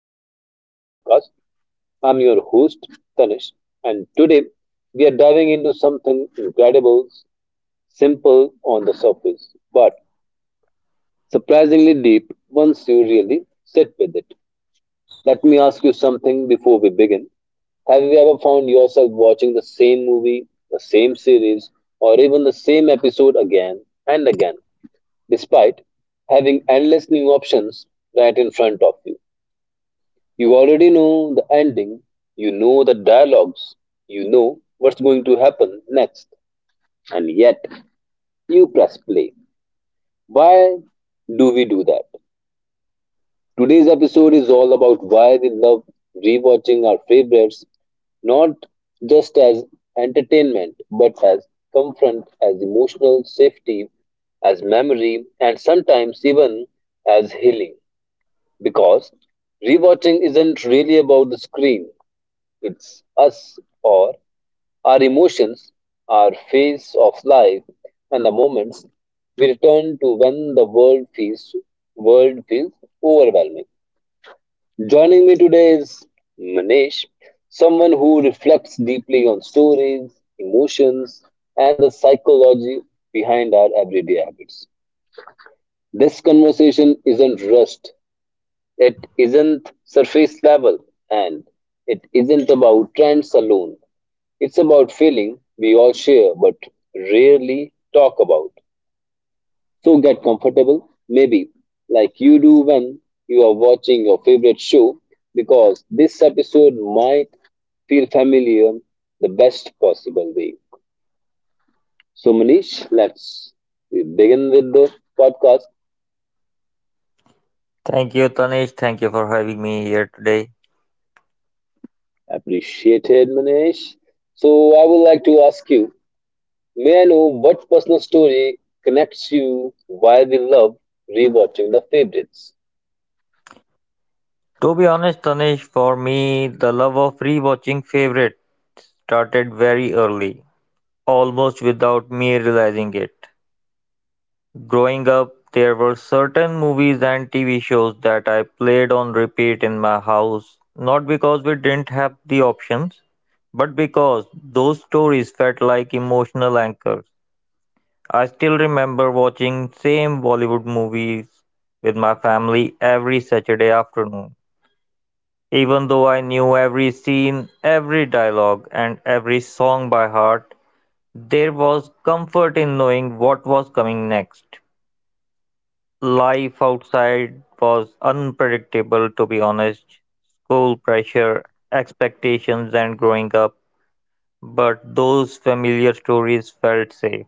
welcome back to the podcast. I'm your host, Tanish, and today we are diving into something incredible, simple on the surface, but surprisingly deep once you really sit with it. Let me ask you something before we begin. Have you ever found yourself watching the same movie, the same series, or even the same episode again and again, despite having endless new options right in front of you? You already know the ending, you know the dialogues, you know what's going to happen next, and yet you press play. Why do we do that? Today's episode is all about why we love rewatching our favorites, not just as entertainment, but as comfort, as emotional safety, as memory, and sometimes even as healing. Because rewatching isn't really about the screen, it's us or our emotions, our phase of life, and the moments we return to when the world feels overwhelming. Joining me today is Manish, someone who reflects deeply on stories, emotions, and the psychology behind our everyday habits. This conversation isn't rushed. It isn't surface level, and it isn't about trends alone. It's about feeling we all share but rarely talk about. So get comfortable, maybe like you do when you are watching your favorite show, because this episode might feel familiar the best possible way. So, Manish, let's we begin with the podcast. Thank you, Tanish. Thank you for having me here today. Appreciated, Manish. So, I would like to ask you. May I know what personal story connects you, why we love rewatching the favorites? To be honest, Tanish, for me, the love of rewatching favorites started very early, almost without me realizing it. Growing up, there were certain movies and TV shows that I played on repeat in my house, not because we didn't have the options, but because those stories felt like emotional anchors. I still remember watching same Bollywood movies with my family every Saturday afternoon. Even though I knew every scene, every dialogue, and every song by heart, there was comfort in knowing what was coming next. Life outside was unpredictable, to be honest. School pressure, expectations, and growing up, but those familiar stories felt safe.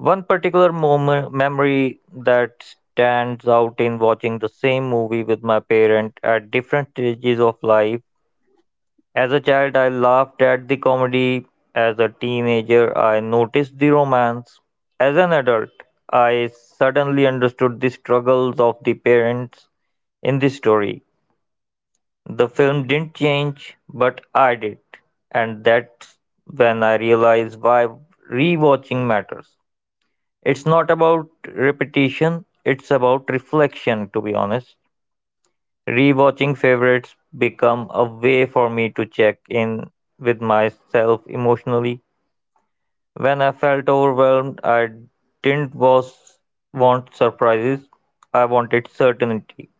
One particular moment, memory that stands out in watching the same movie with my parent at different stages of life. As a child, I laughed at the comedy. As a teenager, I noticed the romance. As an adult, I suddenly understood the struggles of the parents in this story. The film didn't change, but I did. And that's when I realized why rewatching matters. It's not about repetition, it's about reflection, to be honest. Rewatching favorites become a way for me to check in with myself emotionally. When I felt overwhelmed, I didn't was, want surprises, I wanted certainty.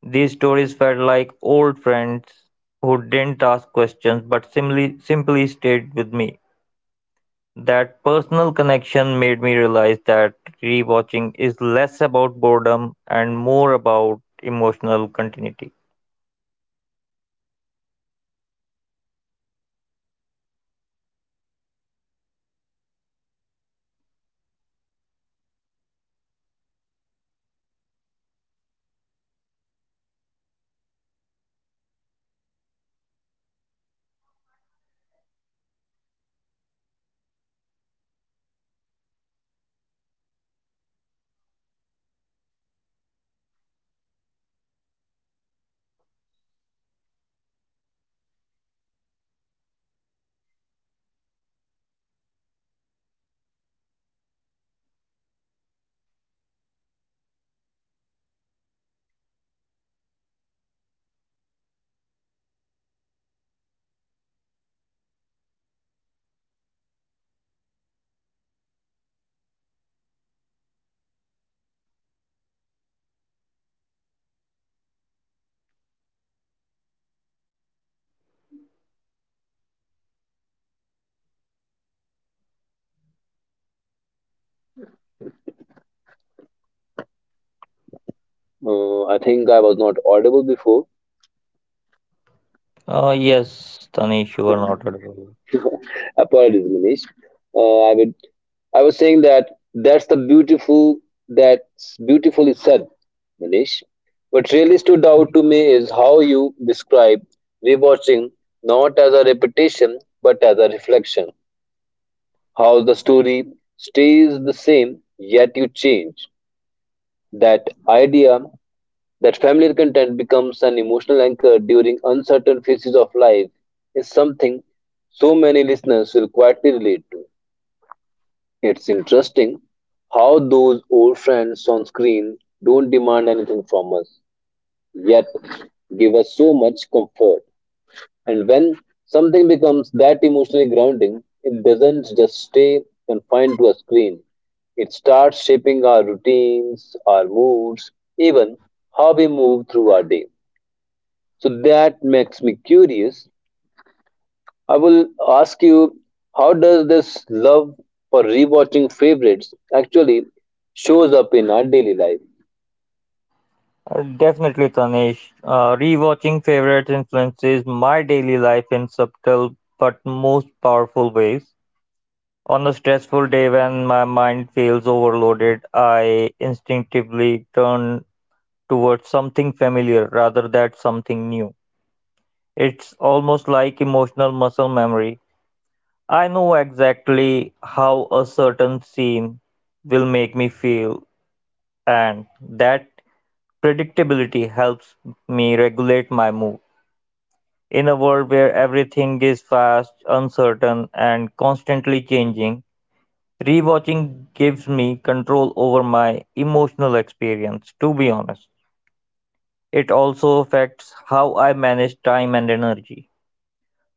These stories felt like old friends who didn't ask questions but simply stayed with me. That personal connection made me realize that rewatching is less about boredom and more about emotional continuity. I think I was not audible before. Yes, Tanish, you are not audible. Apologies, Manish. Uh, I would I was saying that that's the beautiful that's beautifully said, Manish. What really stood out to me is how you describe rewatching not as a repetition but as a reflection. How the story stays the same yet you change, that idea, that familiar content becomes an emotional anchor during uncertain phases of life is something so many listeners will quietly relate to. It's interesting how those old friends on screen don't demand anything from us, yet give us so much comfort. And when something becomes that emotionally grounding, it doesn't just stay confined to a screen. It starts shaping our routines, our moods, even how we move through our day. So that makes me curious. I will ask you, how does this love for rewatching favorites actually shows up in our daily life? Definitely, Tanish. Rewatching favorites influences my daily life in subtle but most powerful ways. On a stressful day when my mind feels overloaded, I instinctively turn towards something familiar rather than something new. It's almost like emotional muscle memory. I know exactly how a certain scene will make me feel, and that predictability helps me regulate my mood. In a world where everything is fast, uncertain, and constantly changing, rewatching gives me control over my emotional experience, to be honest. It also affects how I manage time and energy.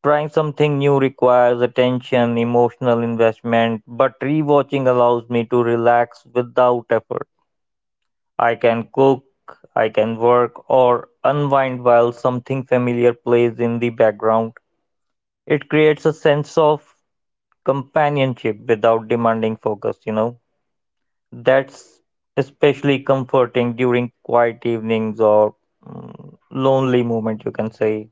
Trying something new requires attention, emotional investment, but rewatching allows me to relax without effort. I can cook, I can work, or unwind while something familiar plays in the background. It creates a sense of companionship without demanding focus, you know. That's especially comforting during quiet evenings or lonely moments, you can say.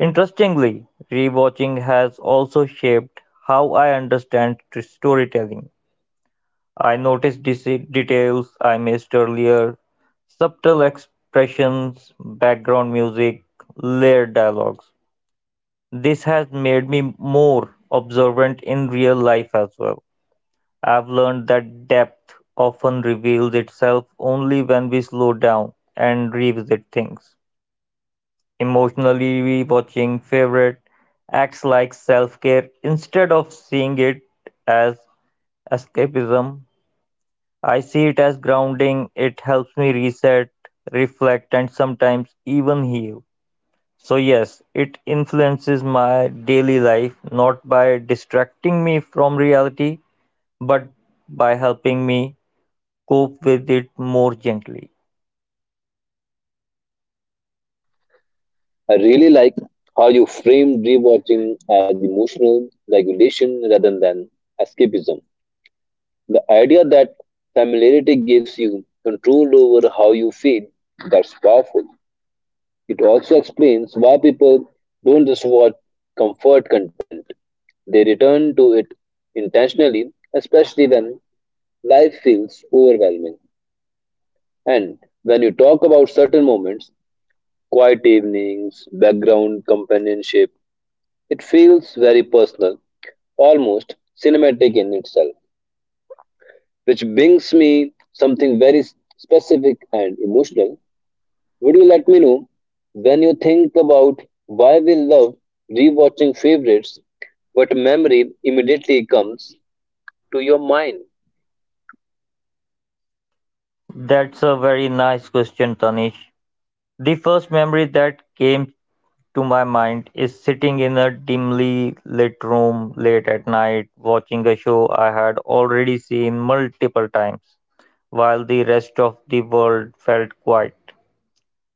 Interestingly, rewatching has also shaped how I understand storytelling. I notice details I missed earlier, subtle expressions, background music, layered dialogues. This has made me more observant in real life as well. I've learned that depth often reveals itself only when we slow down and revisit things. Emotionally watching favorite acts like self-care instead of seeing it as escapism. I see it as grounding. It helps me reset, reflect, and sometimes even heal. So, yes, it influences my daily life not by distracting me from reality, but by helping me cope with it more gently. I really like how you framed rewatching as emotional regulation rather than escapism. The idea that familiarity gives you control over how you feel, that's powerful. It also explains why people don't just watch comfort content. They return to it intentionally, especially when life feels overwhelming. And when you talk about certain moments, quiet evenings, background companionship, it feels very personal, almost cinematic in itself, which brings me something very specific and emotional. Would you let me know, when you think about why we love rewatching favorites, what memory immediately comes to your mind? That's a very nice question, Tanish. The first memory that came to my mind is sitting in a dimly lit room late at night watching a show I had already seen multiple times while the rest of the world felt quiet.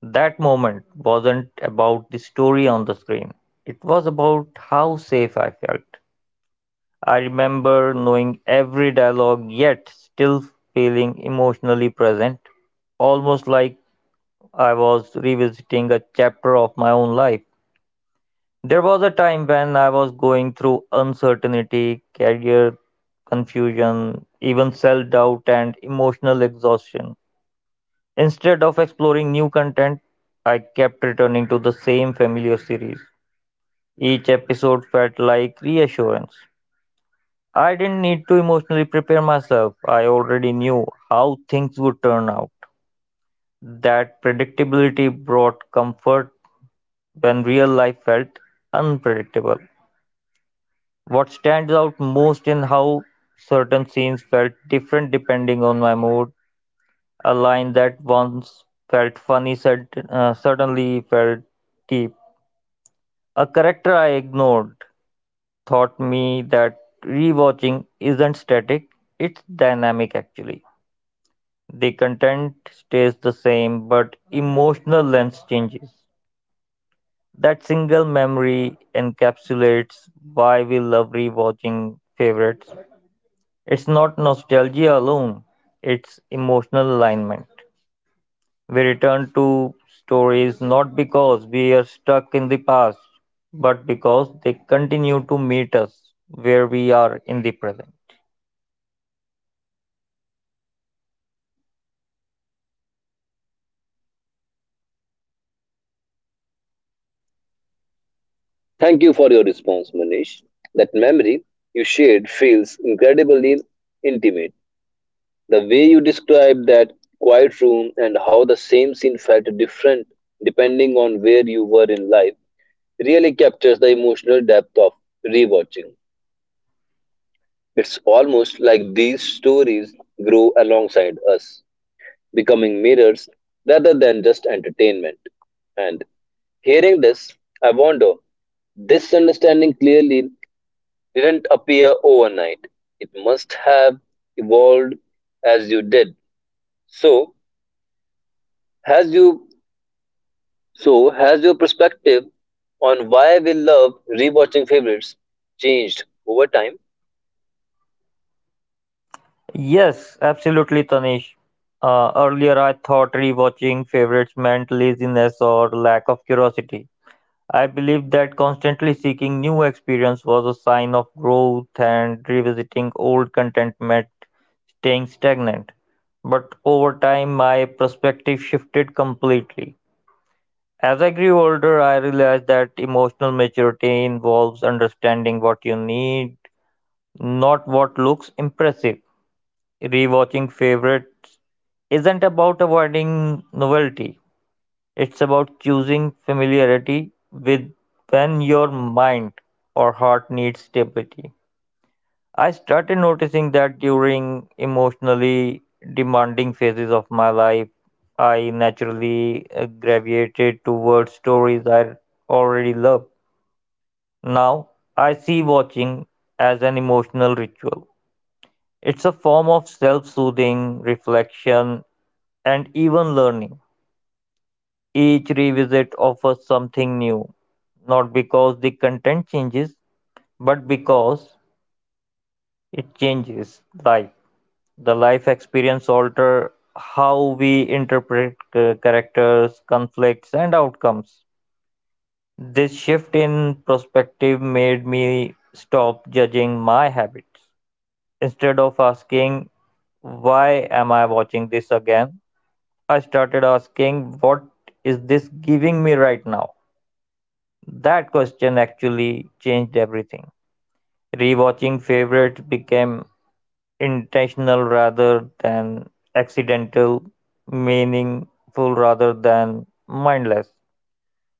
That moment wasn't about the story on the screen, it was about how safe I felt. I remember knowing every dialogue yet still feeling emotionally present, almost like I was revisiting a chapter of my own life. There was a time when I was going through uncertainty, career confusion, even self doubt and emotional exhaustion. Instead of exploring new content, I kept returning to the same familiar series. Each episode felt like reassurance. I didn't need to emotionally prepare myself, I already knew how things would turn out. That predictability brought comfort when real life felt unpredictable. What stands out most is how certain scenes felt different depending on my mood. A line that once felt funny suddenly felt deep. A character I ignored taught me that rewatching isn't static, it's dynamic actually. The content stays the same, but emotional lens changes. That single memory encapsulates why we love rewatching favorites. It's not nostalgia alone, it's emotional alignment. We return to stories not because we are stuck in the past, but because they continue to meet us where we are in the present. Thank you for your response, Manish. That memory you shared feels incredibly intimate. The way you described that quiet room and how the same scene felt different depending on where you were in life really captures the emotional depth of rewatching. It's almost like these stories grow alongside us, becoming mirrors rather than just entertainment. And hearing this, I wonder, this understanding clearly didn't appear overnight. It must have evolved as you did. So has you has your perspective on why we love rewatching favorites changed over time? Yes, absolutely, Tanish. Earlier, I thought rewatching favorites meant laziness or lack of curiosity. I believed that constantly seeking new experience was a sign of growth and revisiting old contentment staying stagnant. But over time, my perspective shifted completely. As I grew older, I realized that emotional maturity involves understanding what you need, not what looks impressive. Rewatching favorites isn't about avoiding novelty, it's about choosing familiarity with when your mind or heart needs stability. I started noticing that during emotionally demanding phases of my life, I naturally gravitated towards stories I already loved. Now, I see watching as an emotional ritual. It's a form of self soothing, reflection, and even learning. Each revisit offers something new, not because the content changes, but because it changes life. The life experience alter how we interpret characters, conflicts, and outcomes. This shift in perspective made me stop judging my habits. Instead of asking, why am I watching this again? I started asking, what is this giving me right now? That question actually changed everything. Rewatching favorites became intentional rather than accidental, meaningful rather than mindless.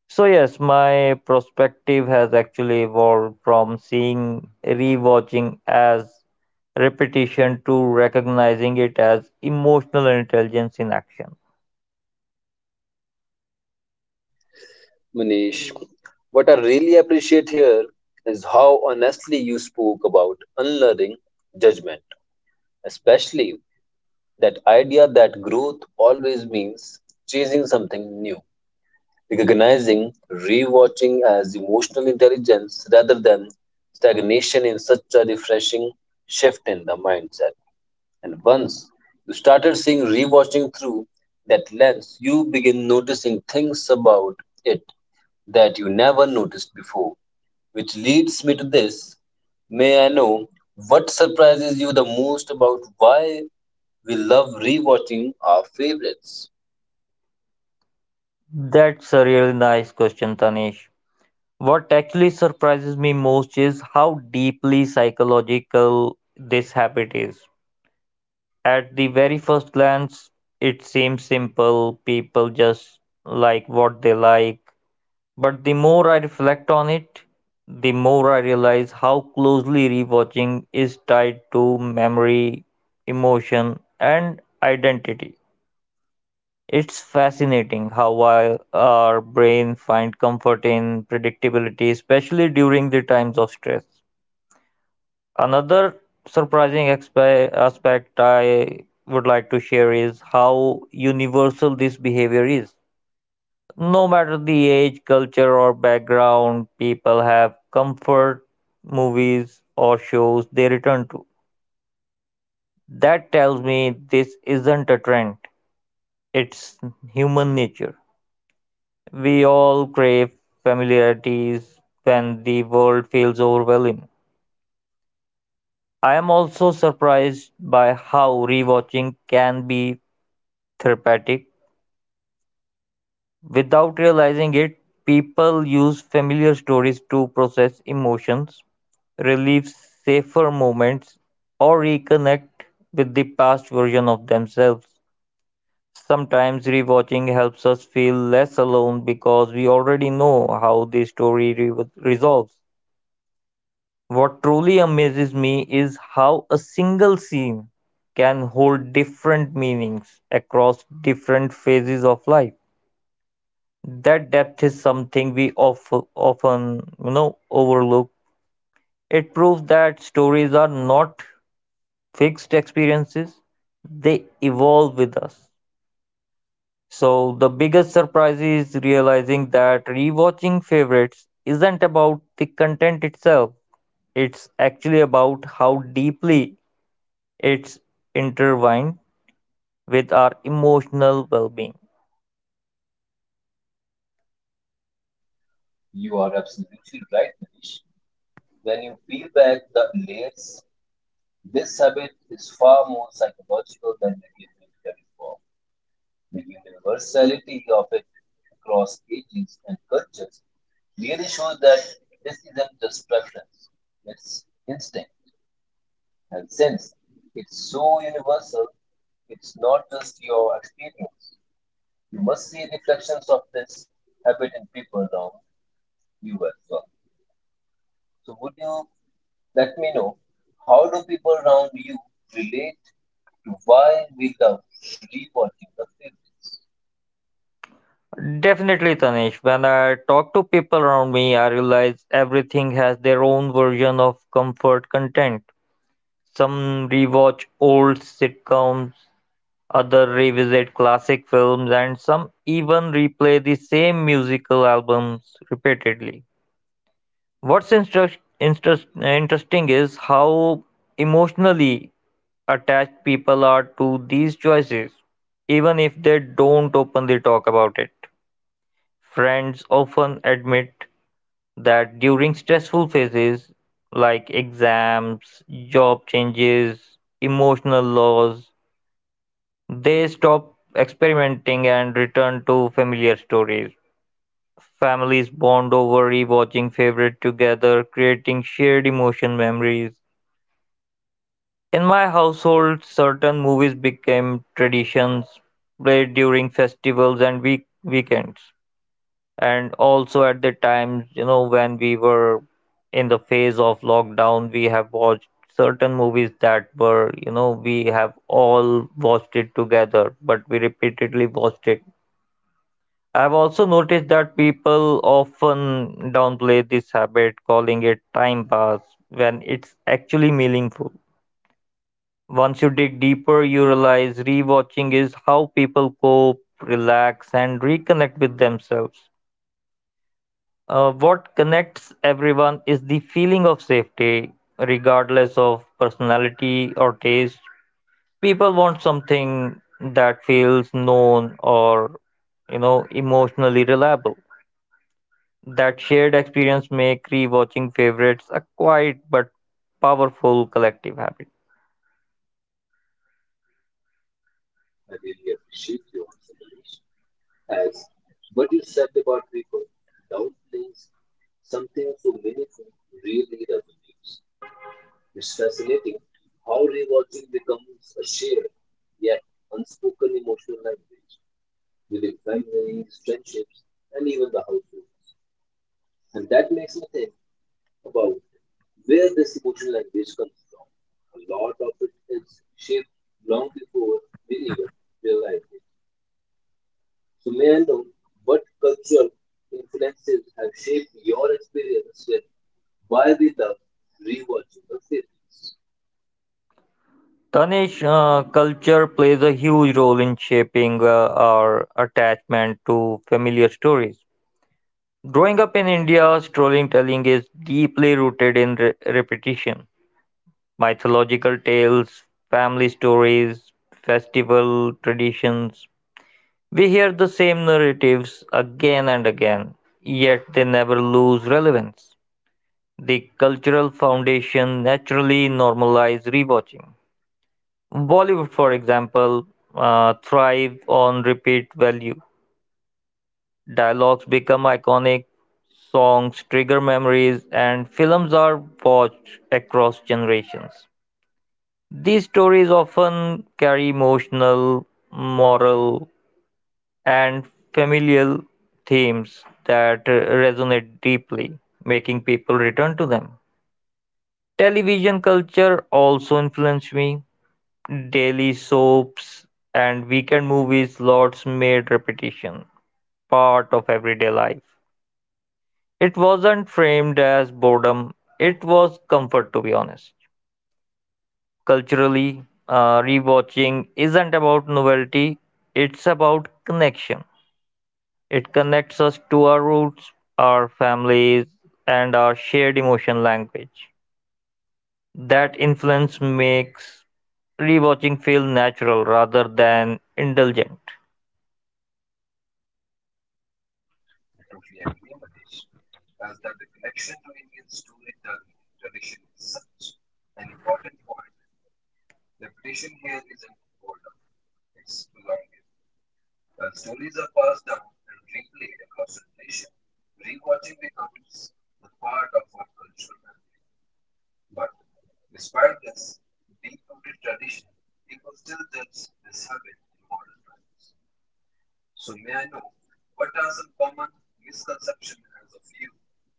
So, yes, my perspective has actually evolved from seeing rewatching as repetition to recognizing it as emotional intelligence in action. Manish, what I really appreciate here is how honestly you spoke about unlearning judgment, especially that idea that growth always means chasing something new. Recognizing rewatching as emotional intelligence rather than stagnation in such a refreshing shift in the mindset. And once you started seeing rewatching through that lens, you begin noticing things about it that you never noticed before. Which leads me to this. May I know what surprises you the most about why we love rewatching our favorites? That's a really nice question, Tanish. What actually surprises me most is how deeply psychological this habit is. At the very first glance, it seems simple, people just like what they like. But the more I reflect on it, the more I realize how closely rewatching is tied to memory, emotion, and identity. It's fascinating how our brain find comfort in predictability, especially during the times of stress. Another surprising aspect I would like to share is how universal this behavior is. No matter the age, culture, or background, people have comfort movies or shows they return to. That tells me this isn't a trend, it's human nature. We all crave familiarities when the world feels overwhelming. I am also surprised by how rewatching can be therapeutic. Without realizing it, people use familiar stories to process emotions, relive safer moments, or reconnect with the past version of themselves. Sometimes rewatching helps us feel less alone because we already know how the story resolves. What truly amazes me is how a single scene can hold different meanings across different phases of life. That depth is something often, you know, overlook. It proves that stories are not fixed experiences; they evolve with us. So the biggest surprise is realizing that rewatching favorites isn't about the content itself. It's actually about how deeply it's intertwined with our emotional well-being. You are absolutely right, Manish. When you peel back the layers, this habit is far more psychological than the behavior form. The universality of it across ages and cultures really shows that this isn't just preference, it's instinct. And since it's so universal, it's not just your experience. You must see reflections of this habit in people around you as well. So, would you let me know, how do people around you relate? Why we love rewatching the film. Definitely, Tanish. When I talk to people around me, I realize everything has their own version of comfort content. Some rewatch old sitcoms, other revisit classic films, and some even replay the same musical albums repeatedly. What's interesting is how emotionally attached people are to these choices, even if they don't openly talk about it. Friends often admit that during stressful phases like exams, job changes, emotional loss, they stop experimenting and return to familiar stories. Families bond over rewatching favorite together, creating shared emotion memories. In my household, certain movies became traditions, played during festivals and weekends, and also at the times, you know, when we were in the phase of lockdown, we have watched certain movies that were, you know, we have all watched it together, but we repeatedly watched it. I've also noticed that people often downplay this habit, calling it time pass, when it's actually meaningful. Once you dig deeper, you realize rewatching is how people cope, relax, and reconnect with themselves. What connects everyone is the feeling of safety, regardless of personality or taste. People want something that feels known or, you know, emotionally reliable. That shared experience make rewatching favorites a quiet but powerful collective habit. I really appreciate your observation, as what you said about people downplaying something so meaningful really resonates. It's fascinating how rewatching becomes a shared yet unspoken emotional language within families, friendships, and even the household. And that makes me think about where this emotional language comes from. A lot of it is shaped long before we even realize it. So, may I know, what cultural influences have shaped your experience with why we love rewatching the series? Tanish, culture plays a huge role in shaping our attachment to familiar stories. Growing up in India, storytelling is deeply rooted in repetition. Mythological tales, family stories, festival traditions. We hear the same narratives again and again, yet they never lose relevance. The cultural foundation naturally normalizes rewatching. Bollywood, for example, thrive on repeat value. Dialogues become iconic, songs trigger memories, and films are watched across generations. These stories often carry emotional, moral, and familial themes that resonate deeply, making people return to them. Television culture also influenced me. Daily soaps and weekend movies lots made repetition part of everyday life. It wasn't framed as boredom, it was comfort to be honest. Culturally, rewatching isn't about novelty, it's about connection. It connects us to our roots, our families, and our shared emotion language. That influence makes rewatching feel natural rather than indulgent. I totally agree, Matesh. As that the connection to Indian storytelling tradition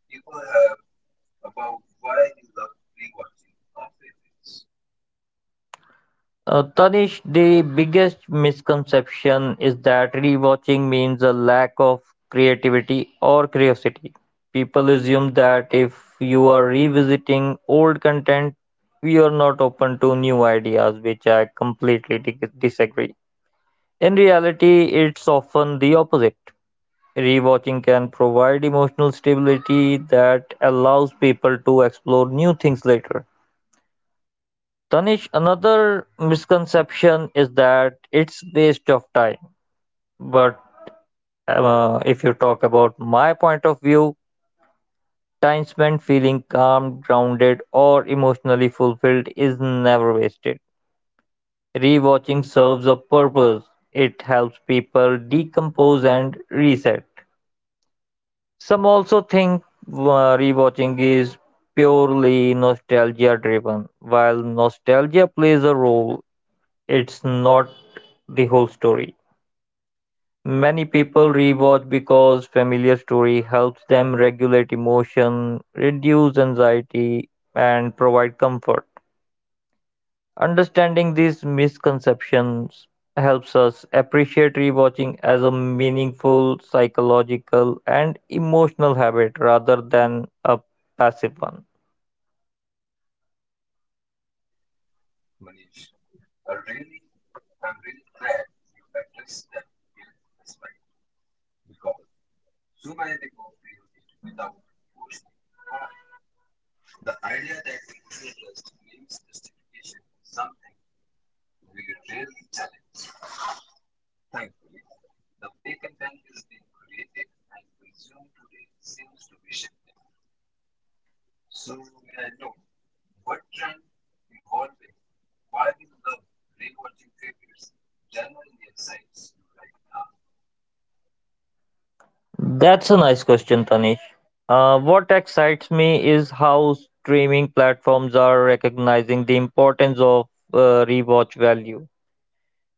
people have about why we love rewatching our favorites. Tanish, the biggest misconception is that rewatching means a lack of creativity or curiosity. People assume that if you are revisiting old content, you are not open to new ideas, which I completely disagree. In reality, it's often the opposite. Rewatching can provide emotional stability that allows people to explore new things later. Tanish another misconception is that it's waste of time. But if you talk about my point of view, time spent feeling calm, grounded, or emotionally fulfilled is never wasted. Rewatching serves a purpose. It helps people decompose and reset. Some also think rewatching is purely nostalgia driven. While nostalgia plays a role, it's not the whole story. Many people rewatch because familiar story helps them regulate emotion, reduce anxiety, and provide comfort. Understanding these misconceptions helps us appreciate rewatching as a meaningful psychological and emotional habit rather than a passive one. Manish, I really, I'm really glad you addressed that guilt aspect because so many people feel it without forcing. But the idea that interest means justification is something we rarely challenge. Thankfully, the way content is being created and consumed today seems to be shifting. So, may I know, what trend evolving, why we love rewatching favorites, generally excites you right now? That's a nice question, Tanish. What excites me is how streaming platforms are recognizing the importance of rewatch value.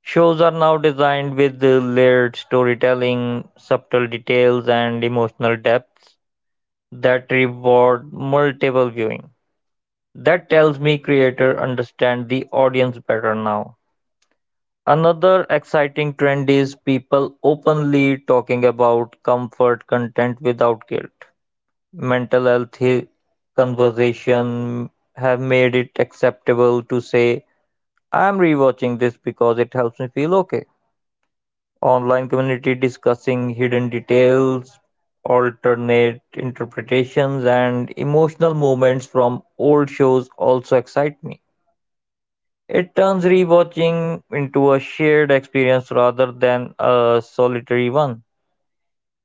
Shows are now designed with layered storytelling, subtle details, and emotional depths that reward multiple viewing. That tells me creators understand the audience better now. Another exciting trend is people openly talking about comfort content without guilt. Mental health conversation have made it acceptable to say, I'm rewatching this because it helps me feel okay. Online community discussing hidden details, alternate interpretations, and emotional moments from old shows also excite me. It turns rewatching into a shared experience rather than a solitary one.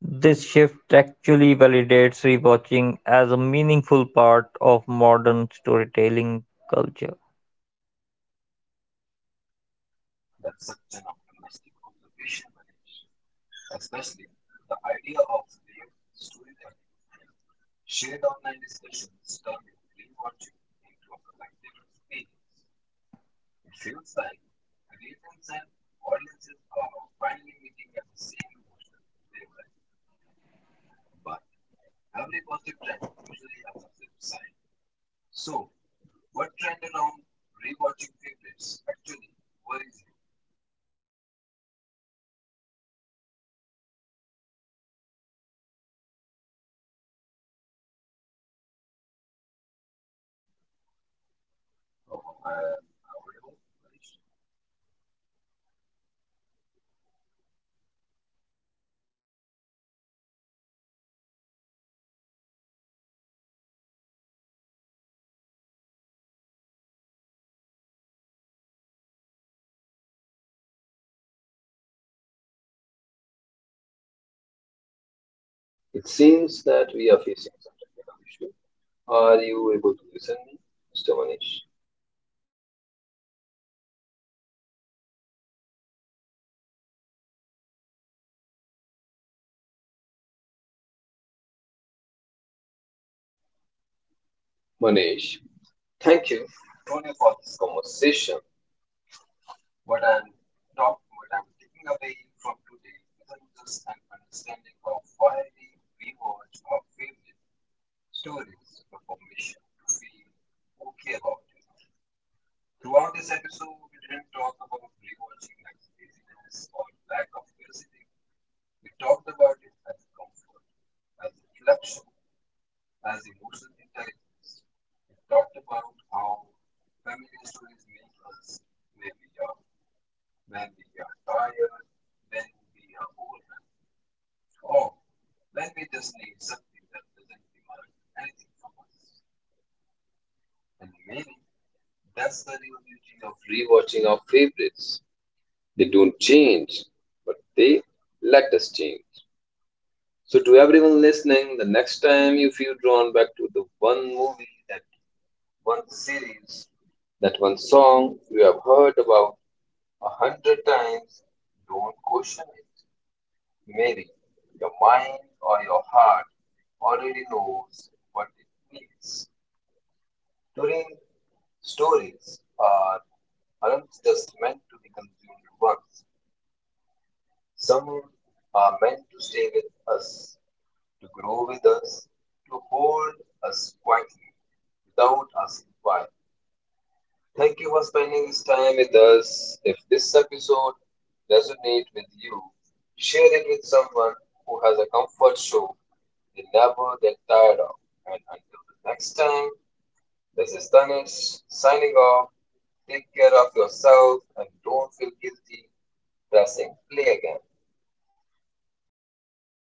This shift actually validates rewatching as a meaningful part of modern storytelling culture. That such an optimistic observation, Manish. Especially the idea of lived storytelling. Shared online discussions turning free watching into a collective experience. It feels like readers and audiences are finally meeting at the same emotional wavelength. But every positive trend usually has a flip side. So, what trend around rewatching favorites actually worries you? Oh, I It seems that we are facing some technical issue. Are you able to listen to me, Mr. Manish? Manish, thank you, Tony, for this conversation. What I'm not, what I'm taking away from today isn't just an understanding of why we rewatch our favorite film when we just need something that doesn't demand anything from us. And maybe that's the real beauty of rewatching our favorites. They don't change, but they let us change. So, to everyone listening, the next time you feel drawn back to the one movie, that one series, that one song you have heard about 100 times,